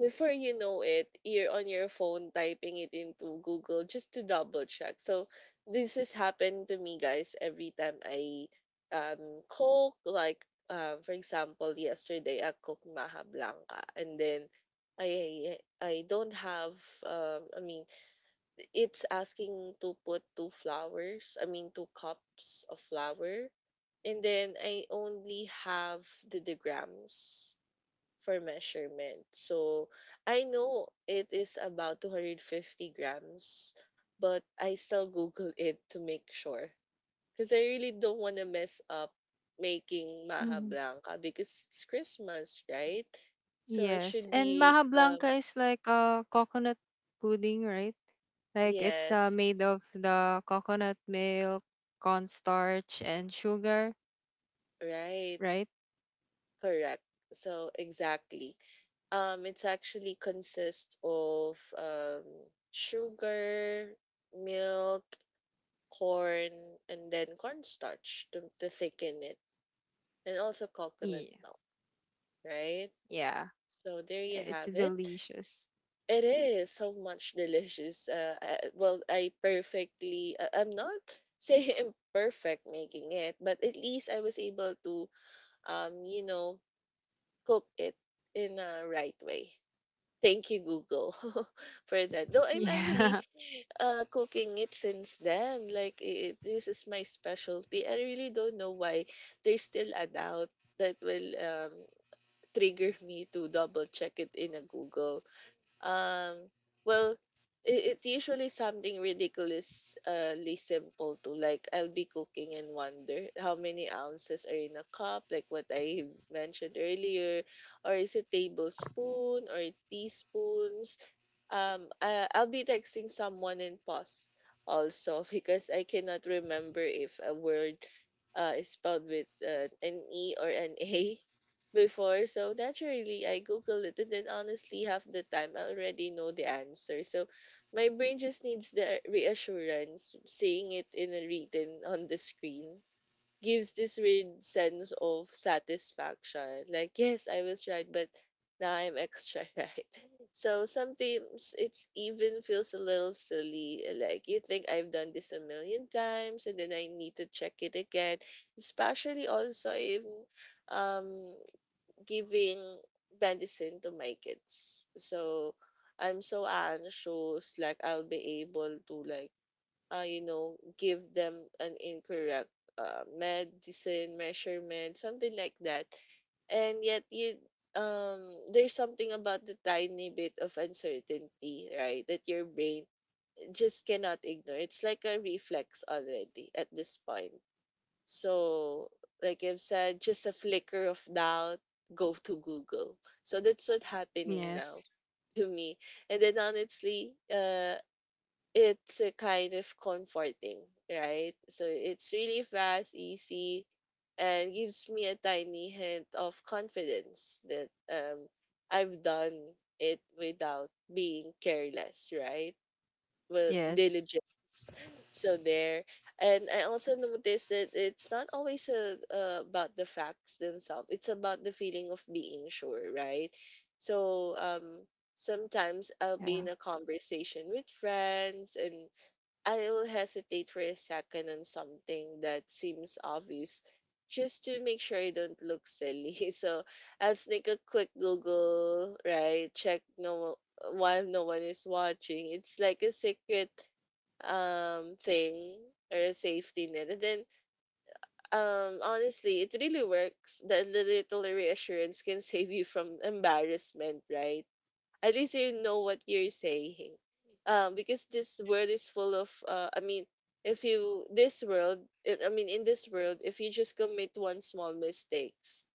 Speaker 3: before you know it, you're on your phone typing it into Google just to double check. So this has happened to me, guys, every time I cook. Like, for example, yesterday I cooked maha blanca, and then I don't have I mean it's asking to put two flowers. I mean two cups of flour, and then I only have the grams for measurement. So I know it is about 250 grams, but I still Google it to make sure. Because I really don't want to mess up making Maha
Speaker 2: Hmm.
Speaker 3: Blanca because it's Christmas, right? So it
Speaker 2: Yes.
Speaker 3: should
Speaker 2: And
Speaker 3: be,
Speaker 2: Maha Blanca is like a coconut pudding, right? Like it's
Speaker 3: yes,
Speaker 2: made of the coconut milk, cornstarch, and sugar,
Speaker 3: right,
Speaker 2: right?
Speaker 3: correct. So exactly. It's actually consists of sugar, milk, corn and then cornstarch to thicken it, and also coconut
Speaker 2: Yeah.
Speaker 3: milk, right?
Speaker 2: Yeah.
Speaker 3: So there you
Speaker 2: It's
Speaker 3: have it.
Speaker 2: delicious.
Speaker 3: It is so much delicious. I perfectly, I'm not (laughs) saying I'm perfect making it, but at least I was able to, you know, cook it in a right way. Thank you, Google, (laughs) for that. Though I'm actually
Speaker 2: Yeah. (laughs)
Speaker 3: cooking it since then. Like this is my specialty. I really don't know why there's still a doubt that will trigger me to double check it in a Google. Um, well, it, it usually something ridiculously simple to like I'll be cooking and wonder how many ounces are in a cup, like what I mentioned earlier, or is it tablespoon or teaspoons? I'll be texting someone in pause also (laughs) because I cannot remember if a word is spelled with an E or an A (laughs) before. So naturally, I Google it, and then honestly, half the time I already know the answer. So my brain just needs the reassurance seeing it in a written on the screen gives this weird sense of satisfaction. Like, yes, I was right, but now I'm extra (laughs) right. So sometimes it's even feels a little silly. Like you think I've done this a million times and then I need to check it again. Especially also in um giving medicine to my kids. So I'm so anxious, like I'll be able to like you know, give them an incorrect medicine measurement, something like that. And yet, you um, there's something about the tiny bit of uncertainty, right? That your brain just cannot ignore. It's like a reflex already at this point. So, like I've said, just a flicker of doubt, go to Google. So that's what's happening now
Speaker 2: Yes.
Speaker 3: to me. And then honestly, it's a kind of comforting, right? So it's really fast, easy, and gives me a tiny hint of confidence that I've done it without being careless, right? With
Speaker 2: Yes.
Speaker 3: diligence. So there, and I also noticed that it's not always about the facts themselves. It's about the feeling of being sure, right? So sometimes I'll be
Speaker 2: Yeah.
Speaker 3: in a conversation with friends and I will hesitate for a second on something that seems obvious just to make sure I don't look silly. (laughs) So I'll sneak a quick Google, right? Check no while no one is watching. It's like a secret thing or a safety net. And then honestly it really works. That little reassurance can (laughs) save you from embarrassment, right? At least you know what you're saying. Because this world is full of, if you, this world, in this world, if you just commit one small mistakes,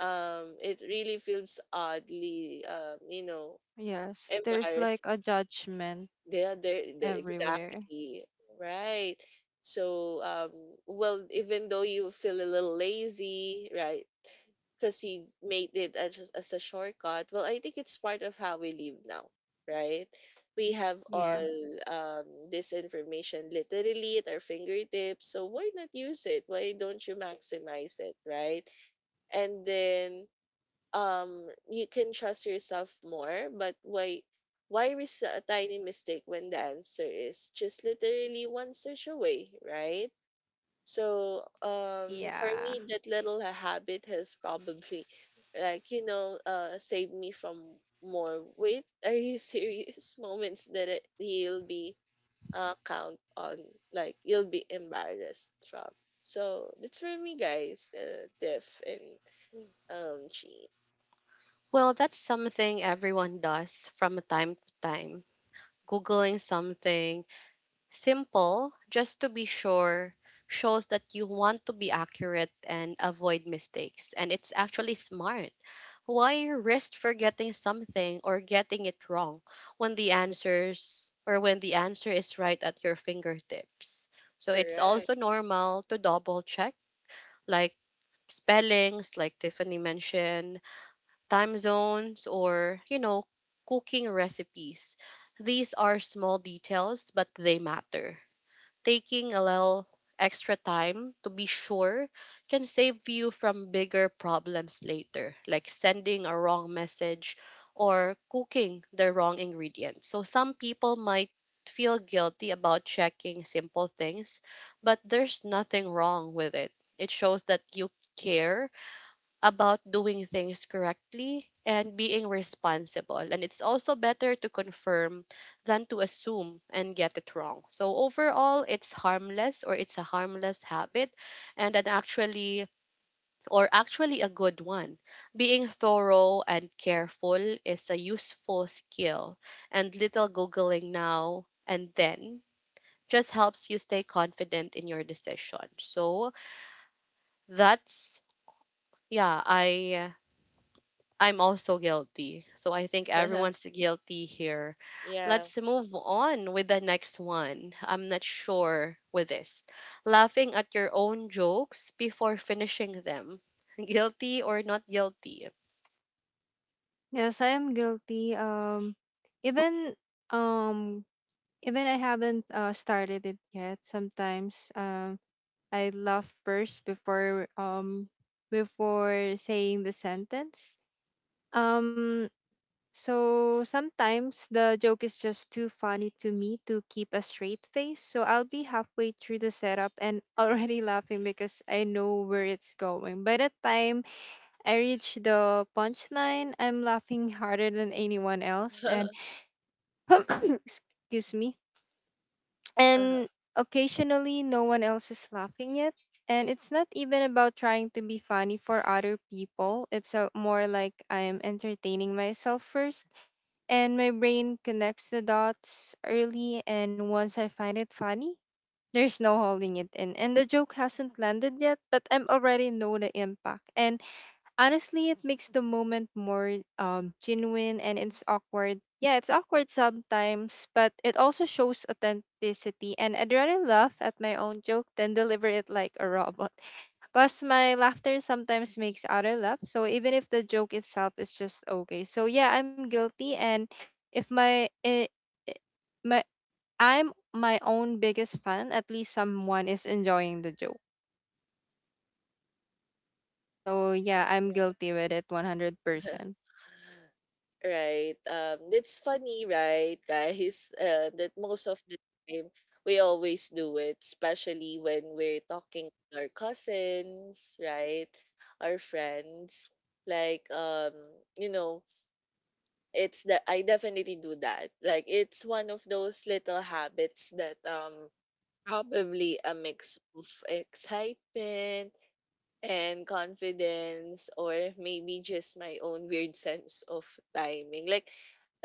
Speaker 3: it really feels oddly, you know,
Speaker 2: Yes. There's like
Speaker 3: embarrassing.
Speaker 2: a judgment
Speaker 3: They are there,
Speaker 2: everywhere.
Speaker 3: exactly, right? So, um, well, even though you feel a little lazy, right? Because he made it as, just as a shortcut. Well, I think it's part of how we live now, right? We have
Speaker 2: Yeah.
Speaker 3: all, um, this information literally at our fingertips. So why not use it? Why don't you maximize it, right? And then, you can trust yourself more. But why? Why risk a tiny mistake when the answer is just literally one search away, right? So for
Speaker 2: Yeah.
Speaker 3: me, that habit has probably, like you know, saved me from more. Wait, (laughs) are you serious? (laughs) Moments that it, you'll be count on, like you'll be embarrassed from. So that's for me, guys. Diff and cheat.
Speaker 1: Well, that's something everyone does from time to time. Googling something simple just to be sure shows that you want to be accurate and avoid mistakes. And it's actually smart. Why risk forgetting something or getting it wrong when the answer is right at your fingertips? So it's
Speaker 3: Correct.
Speaker 1: also normal to double check, like spellings, like Tiffany mentioned, time zones, or, cooking recipes. These are small details, but they matter. Taking a little extra time to be sure can save you from bigger problems later, like sending a wrong message or cooking the wrong ingredient. So some people might feel guilty about checking simple things, but there's nothing wrong with it. It shows that you care about doing things correctly and being responsible. And it's also better to confirm than to assume and get it wrong. So, overall, it's a harmless habit and an actually or actually a good one. Being thorough and careful is a useful skill, and little Googling now and then just helps you stay confident in your decision. So, that's yeah, I I'm also guilty. So I think everyone's
Speaker 3: (laughs)
Speaker 1: guilty here.
Speaker 3: Yeah.
Speaker 1: Let's move on with the next one. I'm not sure with this. Laughing at your own jokes before finishing them. (laughs) Guilty or not guilty?
Speaker 2: Yes, I am guilty. Even um Even I haven't started it yet. Sometimes, I laugh first before before saying the sentence. Um, so sometimes the joke is just too funny to me to keep a straight face. So I'll be halfway through the setup and already (laughs) laughing because I know where it's going. By the time I reach the punchline, I'm laughing harder than anyone
Speaker 3: (laughs)
Speaker 2: else, and
Speaker 3: Uh-huh.
Speaker 2: (coughs) excuse me. And occasionally, no one else is laughing yet. And it's not even about trying to be funny for other people. It's a, more like I am entertaining myself first. And my brain connects the dots early. And once I find it funny, there's no holding it in. And the joke hasn't landed yet, but I'm already know the impact. And honestly, it makes the moment more genuine and it's awkward. Yeah, it's awkward sometimes, but it also shows authenticity. And I'd rather laugh at my own joke than deliver it like a robot. (laughs) Plus, my laughter sometimes makes other laugh. So even if the joke itself is just okay. So yeah, I'm guilty. And if my, eh, eh, my I'm my own biggest fan, at least someone is enjoying the joke. So yeah, I'm
Speaker 3: Right.
Speaker 2: guilty with it 100%.
Speaker 3: (laughs) Right. It's funny, right, guys, (laughs) that most of the time we always do it, especially when we're talking to our cousins, right, our friends. Like, you know, it's that I definitely do that. Like, it's one of those little habits that probably a mix of excitement and confidence or maybe just my own weird sense of timing. Like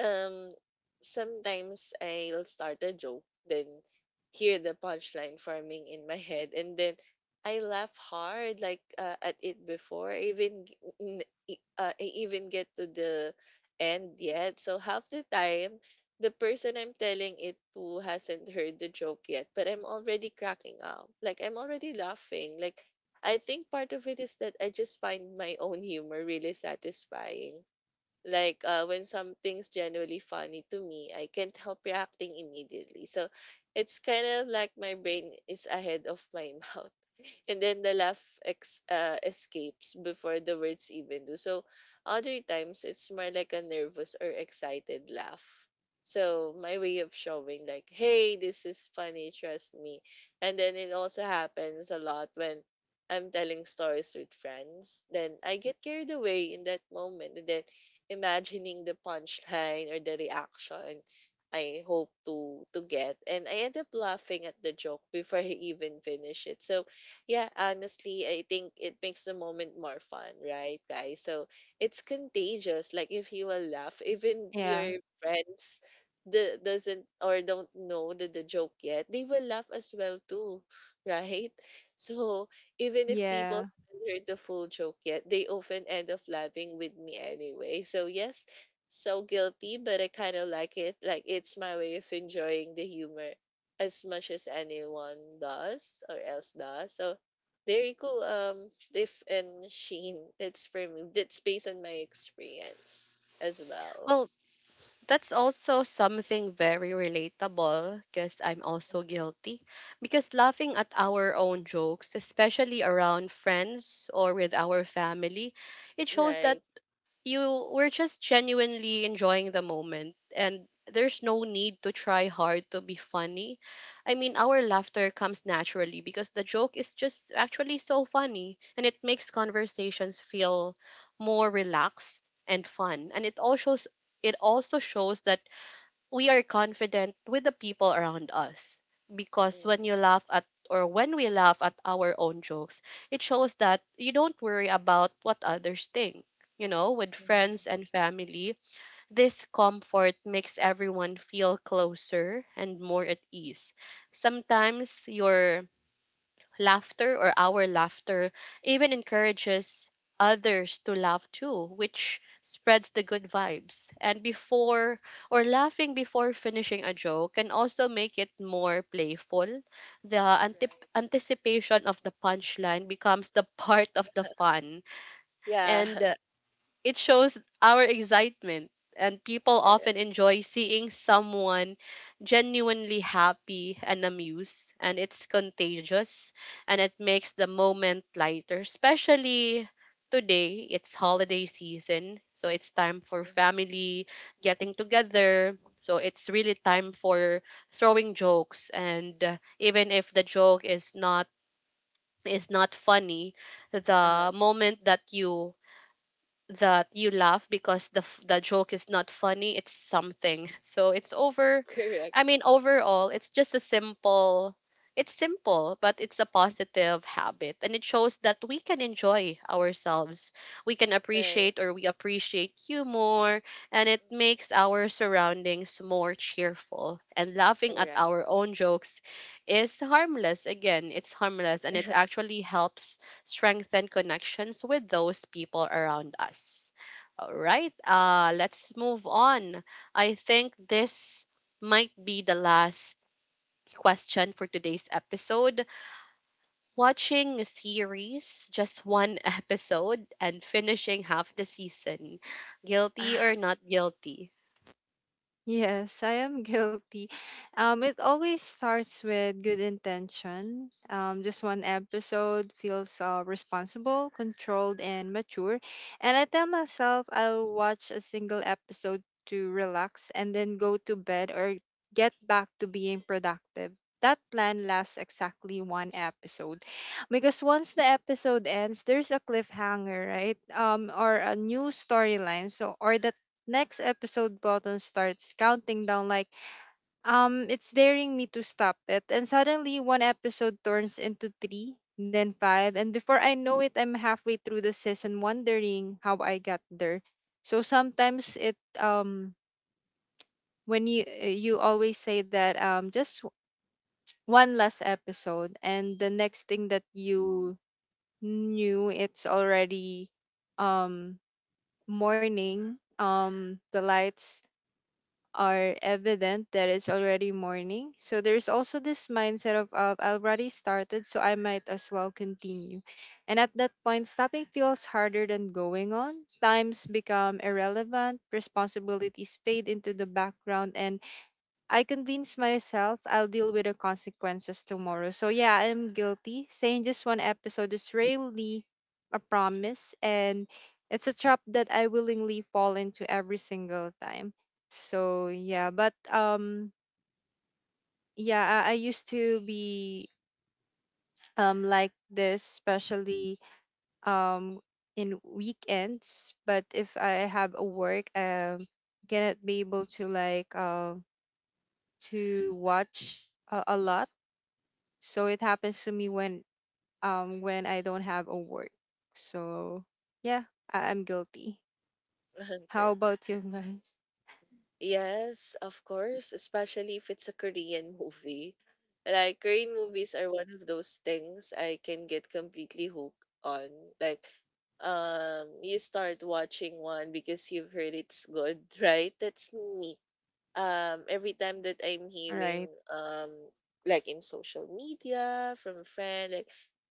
Speaker 3: um sometimes I'll start a joke, then hear the punchline forming in my head, and then I laugh hard like at it before I even g- n- e- I even get to the end yet. So half the time, the person I'm telling it to hasn't heard the joke yet, but I'm already cracking up. Like I'm already laughing. Like I think part of it is that I just find my own humor really satisfying. Like, when something's genuinely funny to me, I can't help reacting immediately. So it's kind of like my brain is ahead of my (laughs) mouth. And then the escapes before the words even do. So other times it's more like a nervous or excited laugh. So my way of showing like, hey, this is funny, trust me. And then it also happens a lot when I'm telling stories with friends, then I get carried away in that moment. And then imagining the punchline or the reaction I hope to get. And I end up laughing at the joke before I even finish it. So yeah, honestly, I think it makes the moment more fun, right, guys? So it's contagious. Like if you will laugh, even
Speaker 2: Yeah.
Speaker 3: your friends the doesn't or don't know the joke yet, they will laugh as well too, (laughs) right? So even if people
Speaker 2: Yeah.
Speaker 3: heard the full joke yet. They often end up laughing with me anyway. So yes, so guilty, but I kind of like it. Like it's my way of enjoying the humor as much as anyone does or else does. So there you go. Tiff and Sheen. That's for me. That's based on my experience as well.
Speaker 1: Well, that's also something very relatable because I'm also guilty. Because laughing at our own jokes, especially around friends or with our family, it shows that
Speaker 3: Right.
Speaker 1: you were just genuinely enjoying the moment and there's no need to try hard to be funny. I mean, our laughter comes naturally because the joke is just actually so funny and it makes conversations feel more relaxed and fun. And it also shows that we are confident with the people around us because when
Speaker 3: Mhm.
Speaker 1: you laugh at or when we laugh at our own jokes, it shows that you don't worry about what others think. You know, with
Speaker 3: Mhm.
Speaker 1: friends and family, this comfort makes everyone feel closer and more at ease. Sometimes your laughter or our laughter even encourages others to laugh too, which spreads the good vibes. And before or laughing before finishing a joke can also make it more playful. The antip
Speaker 3: Right.
Speaker 1: anticipation of the punchline becomes the (laughs) part of the fun.
Speaker 3: Yeah.
Speaker 1: And
Speaker 3: (laughs)
Speaker 1: it shows our excitement, and people
Speaker 3: Correct.
Speaker 1: often enjoy seeing someone genuinely happy and amused, and it's contagious and it makes the moment lighter, especially today. It's holiday season, so it's time for
Speaker 3: Mhm.
Speaker 1: family getting together. So it's really time for throwing jokes, and even if the joke is not funny,
Speaker 3: Uh-huh.
Speaker 1: the moment that you laugh, because the joke is not funny, it's something. So it's over. I
Speaker 3: Correct.
Speaker 1: mean, overall, it's simple, but it's a positive habit, and it shows that we can enjoy ourselves. we can
Speaker 3: Right.
Speaker 1: appreciate or we appreciate you more, and it makes
Speaker 3: Mhm.
Speaker 1: our surroundings more cheerful. And laughing at
Speaker 3: Correct.
Speaker 1: our own jokes is harmless. Again, it's harmless, and it actually helps strengthen connections with those people around us. All right, let's move on. I think this might be the last question for today's episode. Watching a series, just one (laughs) episode, and finishing half the season. Guilty or
Speaker 3: (laughs)
Speaker 1: not guilty?
Speaker 2: Yes, I am (laughs) guilty. It always starts with good intention. Just one episode feels responsible, controlled, and mature. And I tell myself I'll watch a single episode to relax and then go to bed or get back to being productive. That plan lasts exactly one episode, because once the episode ends, there's a cliffhanger, right? Or a new storyline. So, or the next episode button starts counting down like it's daring me to stop it. And suddenly one episode turns into 3, then 5, and before I know it I'm halfway through the season wondering how I got there. So sometimes it, when you always say that just one last episode, and the next thing that you knew it's already um morning. The lights are evident that it's already morning. So there's also this mindset of I already started, so I might as well continue. And at that point, stopping feels harder than going on. Times become irrelevant, responsibilities fade into the background, and I convince myself I'll deal with the consequences tomorrow. So yeah, I'm guilty. Saying just one episode is really a promise, and it's a trap that I willingly fall into every single time. So yeah, but yeah, I used to be like this, especially um in weekends. But if I have a work, cannot be able to like to watch a lot. So it happens to me when, when I don't have a work. So yeah, I'm guilty. How
Speaker 3: Okay.
Speaker 2: about you (laughs) guys?
Speaker 3: Yes, of course, especially if it's a Korean (laughs) movie. Like Korean movies are one of those things I can get completely hooked on. Like you start watching one because you've heard it's good, (laughs) right? That's me every time that I'm
Speaker 2: All
Speaker 3: hearing
Speaker 2: right.
Speaker 3: um like in social media from a friend like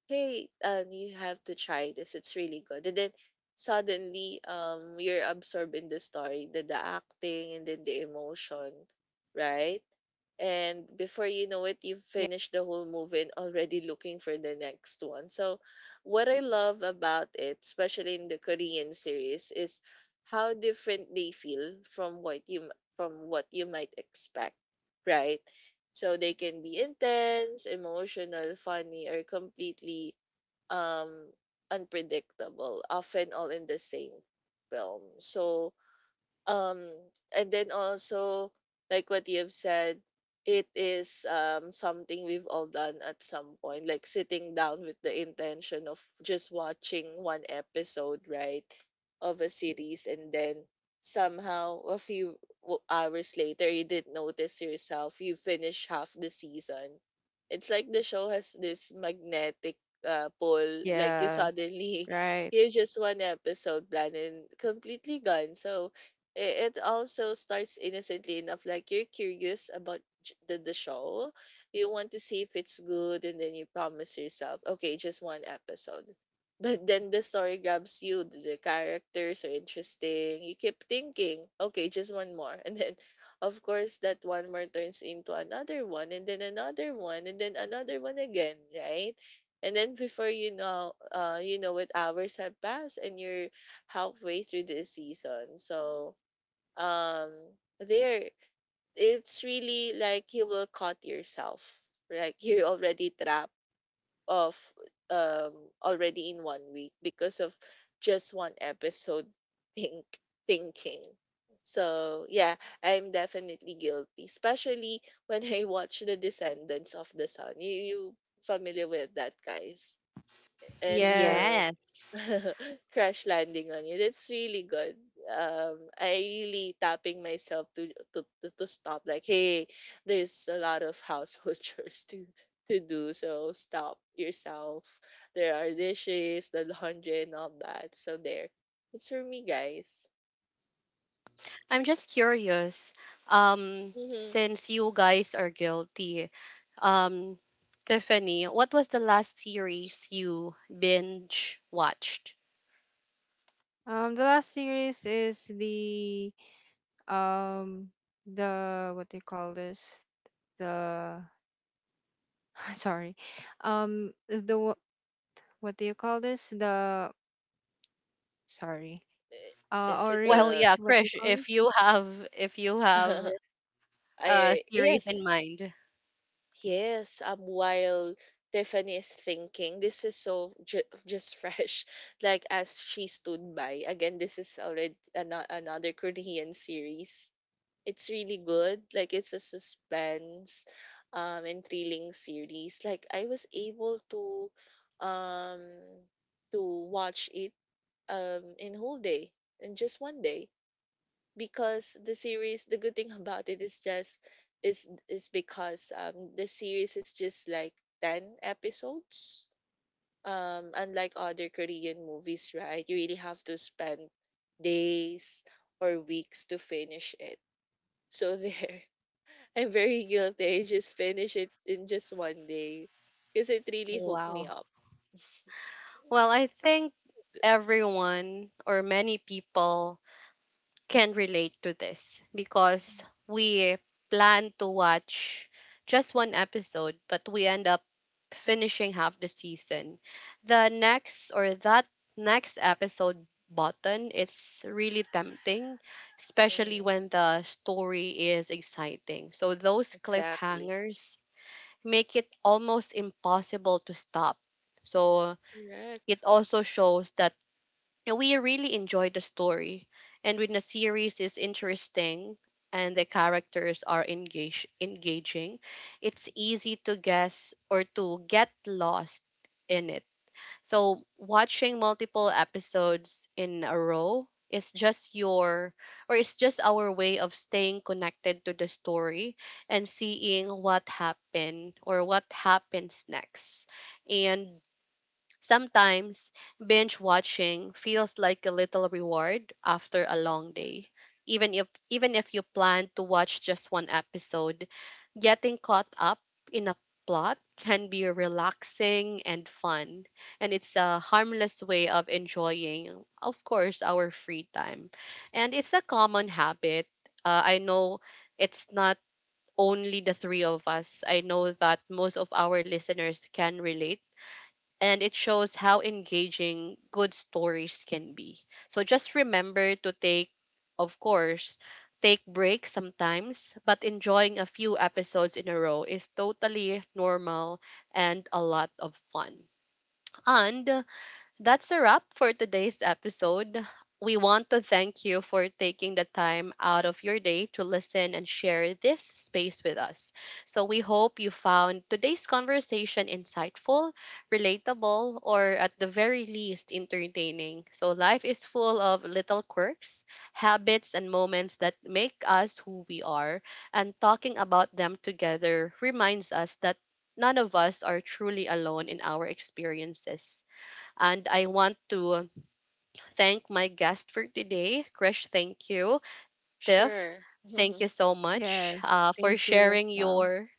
Speaker 3: hey, you have to try this, it's really good. And then suddenly, you're absorbed in the story, the acting and then the emotion, right? And before you know it, you've
Speaker 2: Yeah.
Speaker 3: finished the whole movie and already looking for the next one. So what I love about it, especially in the Korean series, is how different they feel from what you, might expect, right? So they can be intense, emotional, funny, or completely, um unpredictable, often all in the same film. So, um, and then also, like what you've said, it is, something we've all done at some point, like sitting down with the intention of just watching one episode, right, of a series, and then somehow a few hours later, you didn't notice yourself, you finish half the season. It's like the show has this magnetic pull, like you
Speaker 2: Yeah.
Speaker 3: suddenly (laughs)
Speaker 2: Right.
Speaker 3: hear just one episode plan and completely gone. So it also starts innocently enough like you're curious about the show, you want to see if it's good and then you promise yourself okay just one episode (laughs) but then the story grabs you, the characters are interesting, you keep thinking okay just one more (laughs) and then of course that one more turns into another one and then another one and then another one again, right? And then before you know it, hours have passed and you're halfway through the season. So, um there it's really like you will caught yourself like (laughs) you're already trapped of, um already in 1 week because of just one episode, (laughs) think thinking. So yeah, I'm definitely guilty, especially (laughs) when I watch the Descendants of the Sun. You familiar with that, guys? And
Speaker 2: Yes.
Speaker 3: the
Speaker 1: Yes.
Speaker 3: (laughs) Crash Landing on You. That's really good. I really tapping myself to, to stop. Like, hey, there's a lot of household (laughs) chores to do, so stop yourself. There are dishes, the laundry, and all that. So there, it's for me, guys.
Speaker 1: I'm just curious,
Speaker 3: Mm-hmm.
Speaker 1: since you guys are guilty, um, Tiffany, what was the last series you binge watched?
Speaker 2: Um, the last series is the um the, what do you call this? The (laughs) sorry. Um, the what do you call this? The sorry.
Speaker 3: Eh,
Speaker 2: Uh,
Speaker 3: is it
Speaker 1: Well,
Speaker 3: a
Speaker 1: yeah,
Speaker 2: orange, what do you
Speaker 1: Krish,
Speaker 2: call
Speaker 1: if
Speaker 2: this?
Speaker 1: you have if you have
Speaker 3: (laughs)
Speaker 1: a
Speaker 3: I
Speaker 1: series in
Speaker 3: yes.
Speaker 1: mind.
Speaker 3: Yes, while Tiffany is thinking, this is so just fresh. (laughs) Like as she stood by. Again, this is already another Korean series. It's really good. Like it's a suspense, and thrilling series. Like I was able to, um, to watch it, in whole day, in just 1 day, because the series, the good thing about it is just is because the series is just like 10 episodes, unlike other Korean movies, right? You really have to spend days or weeks to finish it. So there, (laughs) I'm very guilty, I just finish it in just 1 day because it really hooked me
Speaker 1: Wow.
Speaker 3: up. Th-
Speaker 1: Well, I think everyone or many people can relate to this because we plan to watch just one episode, but we end up finishing half the season. The next or that next episode button is really tempting, especially
Speaker 3: Mhm.
Speaker 1: when the story is exciting. So, those
Speaker 3: Exactly.
Speaker 1: cliffhangers make it almost impossible to stop. So,
Speaker 3: Correct.
Speaker 1: it also shows that now we really enjoyed the story. And when the series is interesting and the characters are engage engaging, it's easy to guess or to get lost in it. So watching multiple episodes in a row is just your or it's just our way of staying connected to the story and seeing what happened or what happens next. And sometimes binge watching feels like a little reward after a long day. Even if you plan to watch just one episode, getting caught up in a plot can be relaxing and fun, and it's a harmless way of enjoying, of course, our free time. And it's a common habit. I know it's not only the three of us. I know that most of our listeners can relate, and it shows how engaging good stories can be. So just remember to take, of course, take breaks sometimes, but enjoying a few episodes in a row is totally normal and a lot of fun. And that's a wrap for today's episode. We want to thank you for taking the time out of your day to listen and share this space with us. So, we hope you found today's conversation insightful, relatable, or at the very least, entertaining. So, life is full of little quirks, habits, and moments that make us who we are. And talking about them together reminds us that none of us are truly alone in our experiences. And I want to thank my guest for today. Krish, thank you. Tiff,
Speaker 3: Sure.
Speaker 1: thank you
Speaker 3: (laughs)
Speaker 1: so much
Speaker 2: Yes.
Speaker 1: for
Speaker 2: Thank you as
Speaker 1: sharing
Speaker 2: well.
Speaker 1: your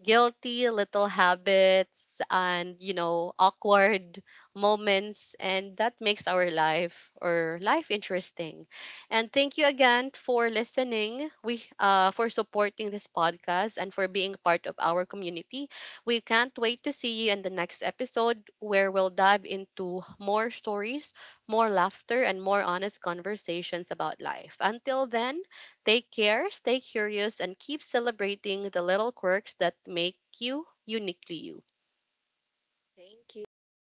Speaker 1: guilty little habits, and you know, awkward moments, and that makes our life or life interesting. And thank you again for listening, we for supporting this podcast and for being part of our community. We can't wait to see you in the next episode, where we'll dive into more stories, more laughter, and more honest conversations about life. Until then, take care, stay curious, and keep celebrating the little quirks that make you uniquely you.
Speaker 3: Thank you.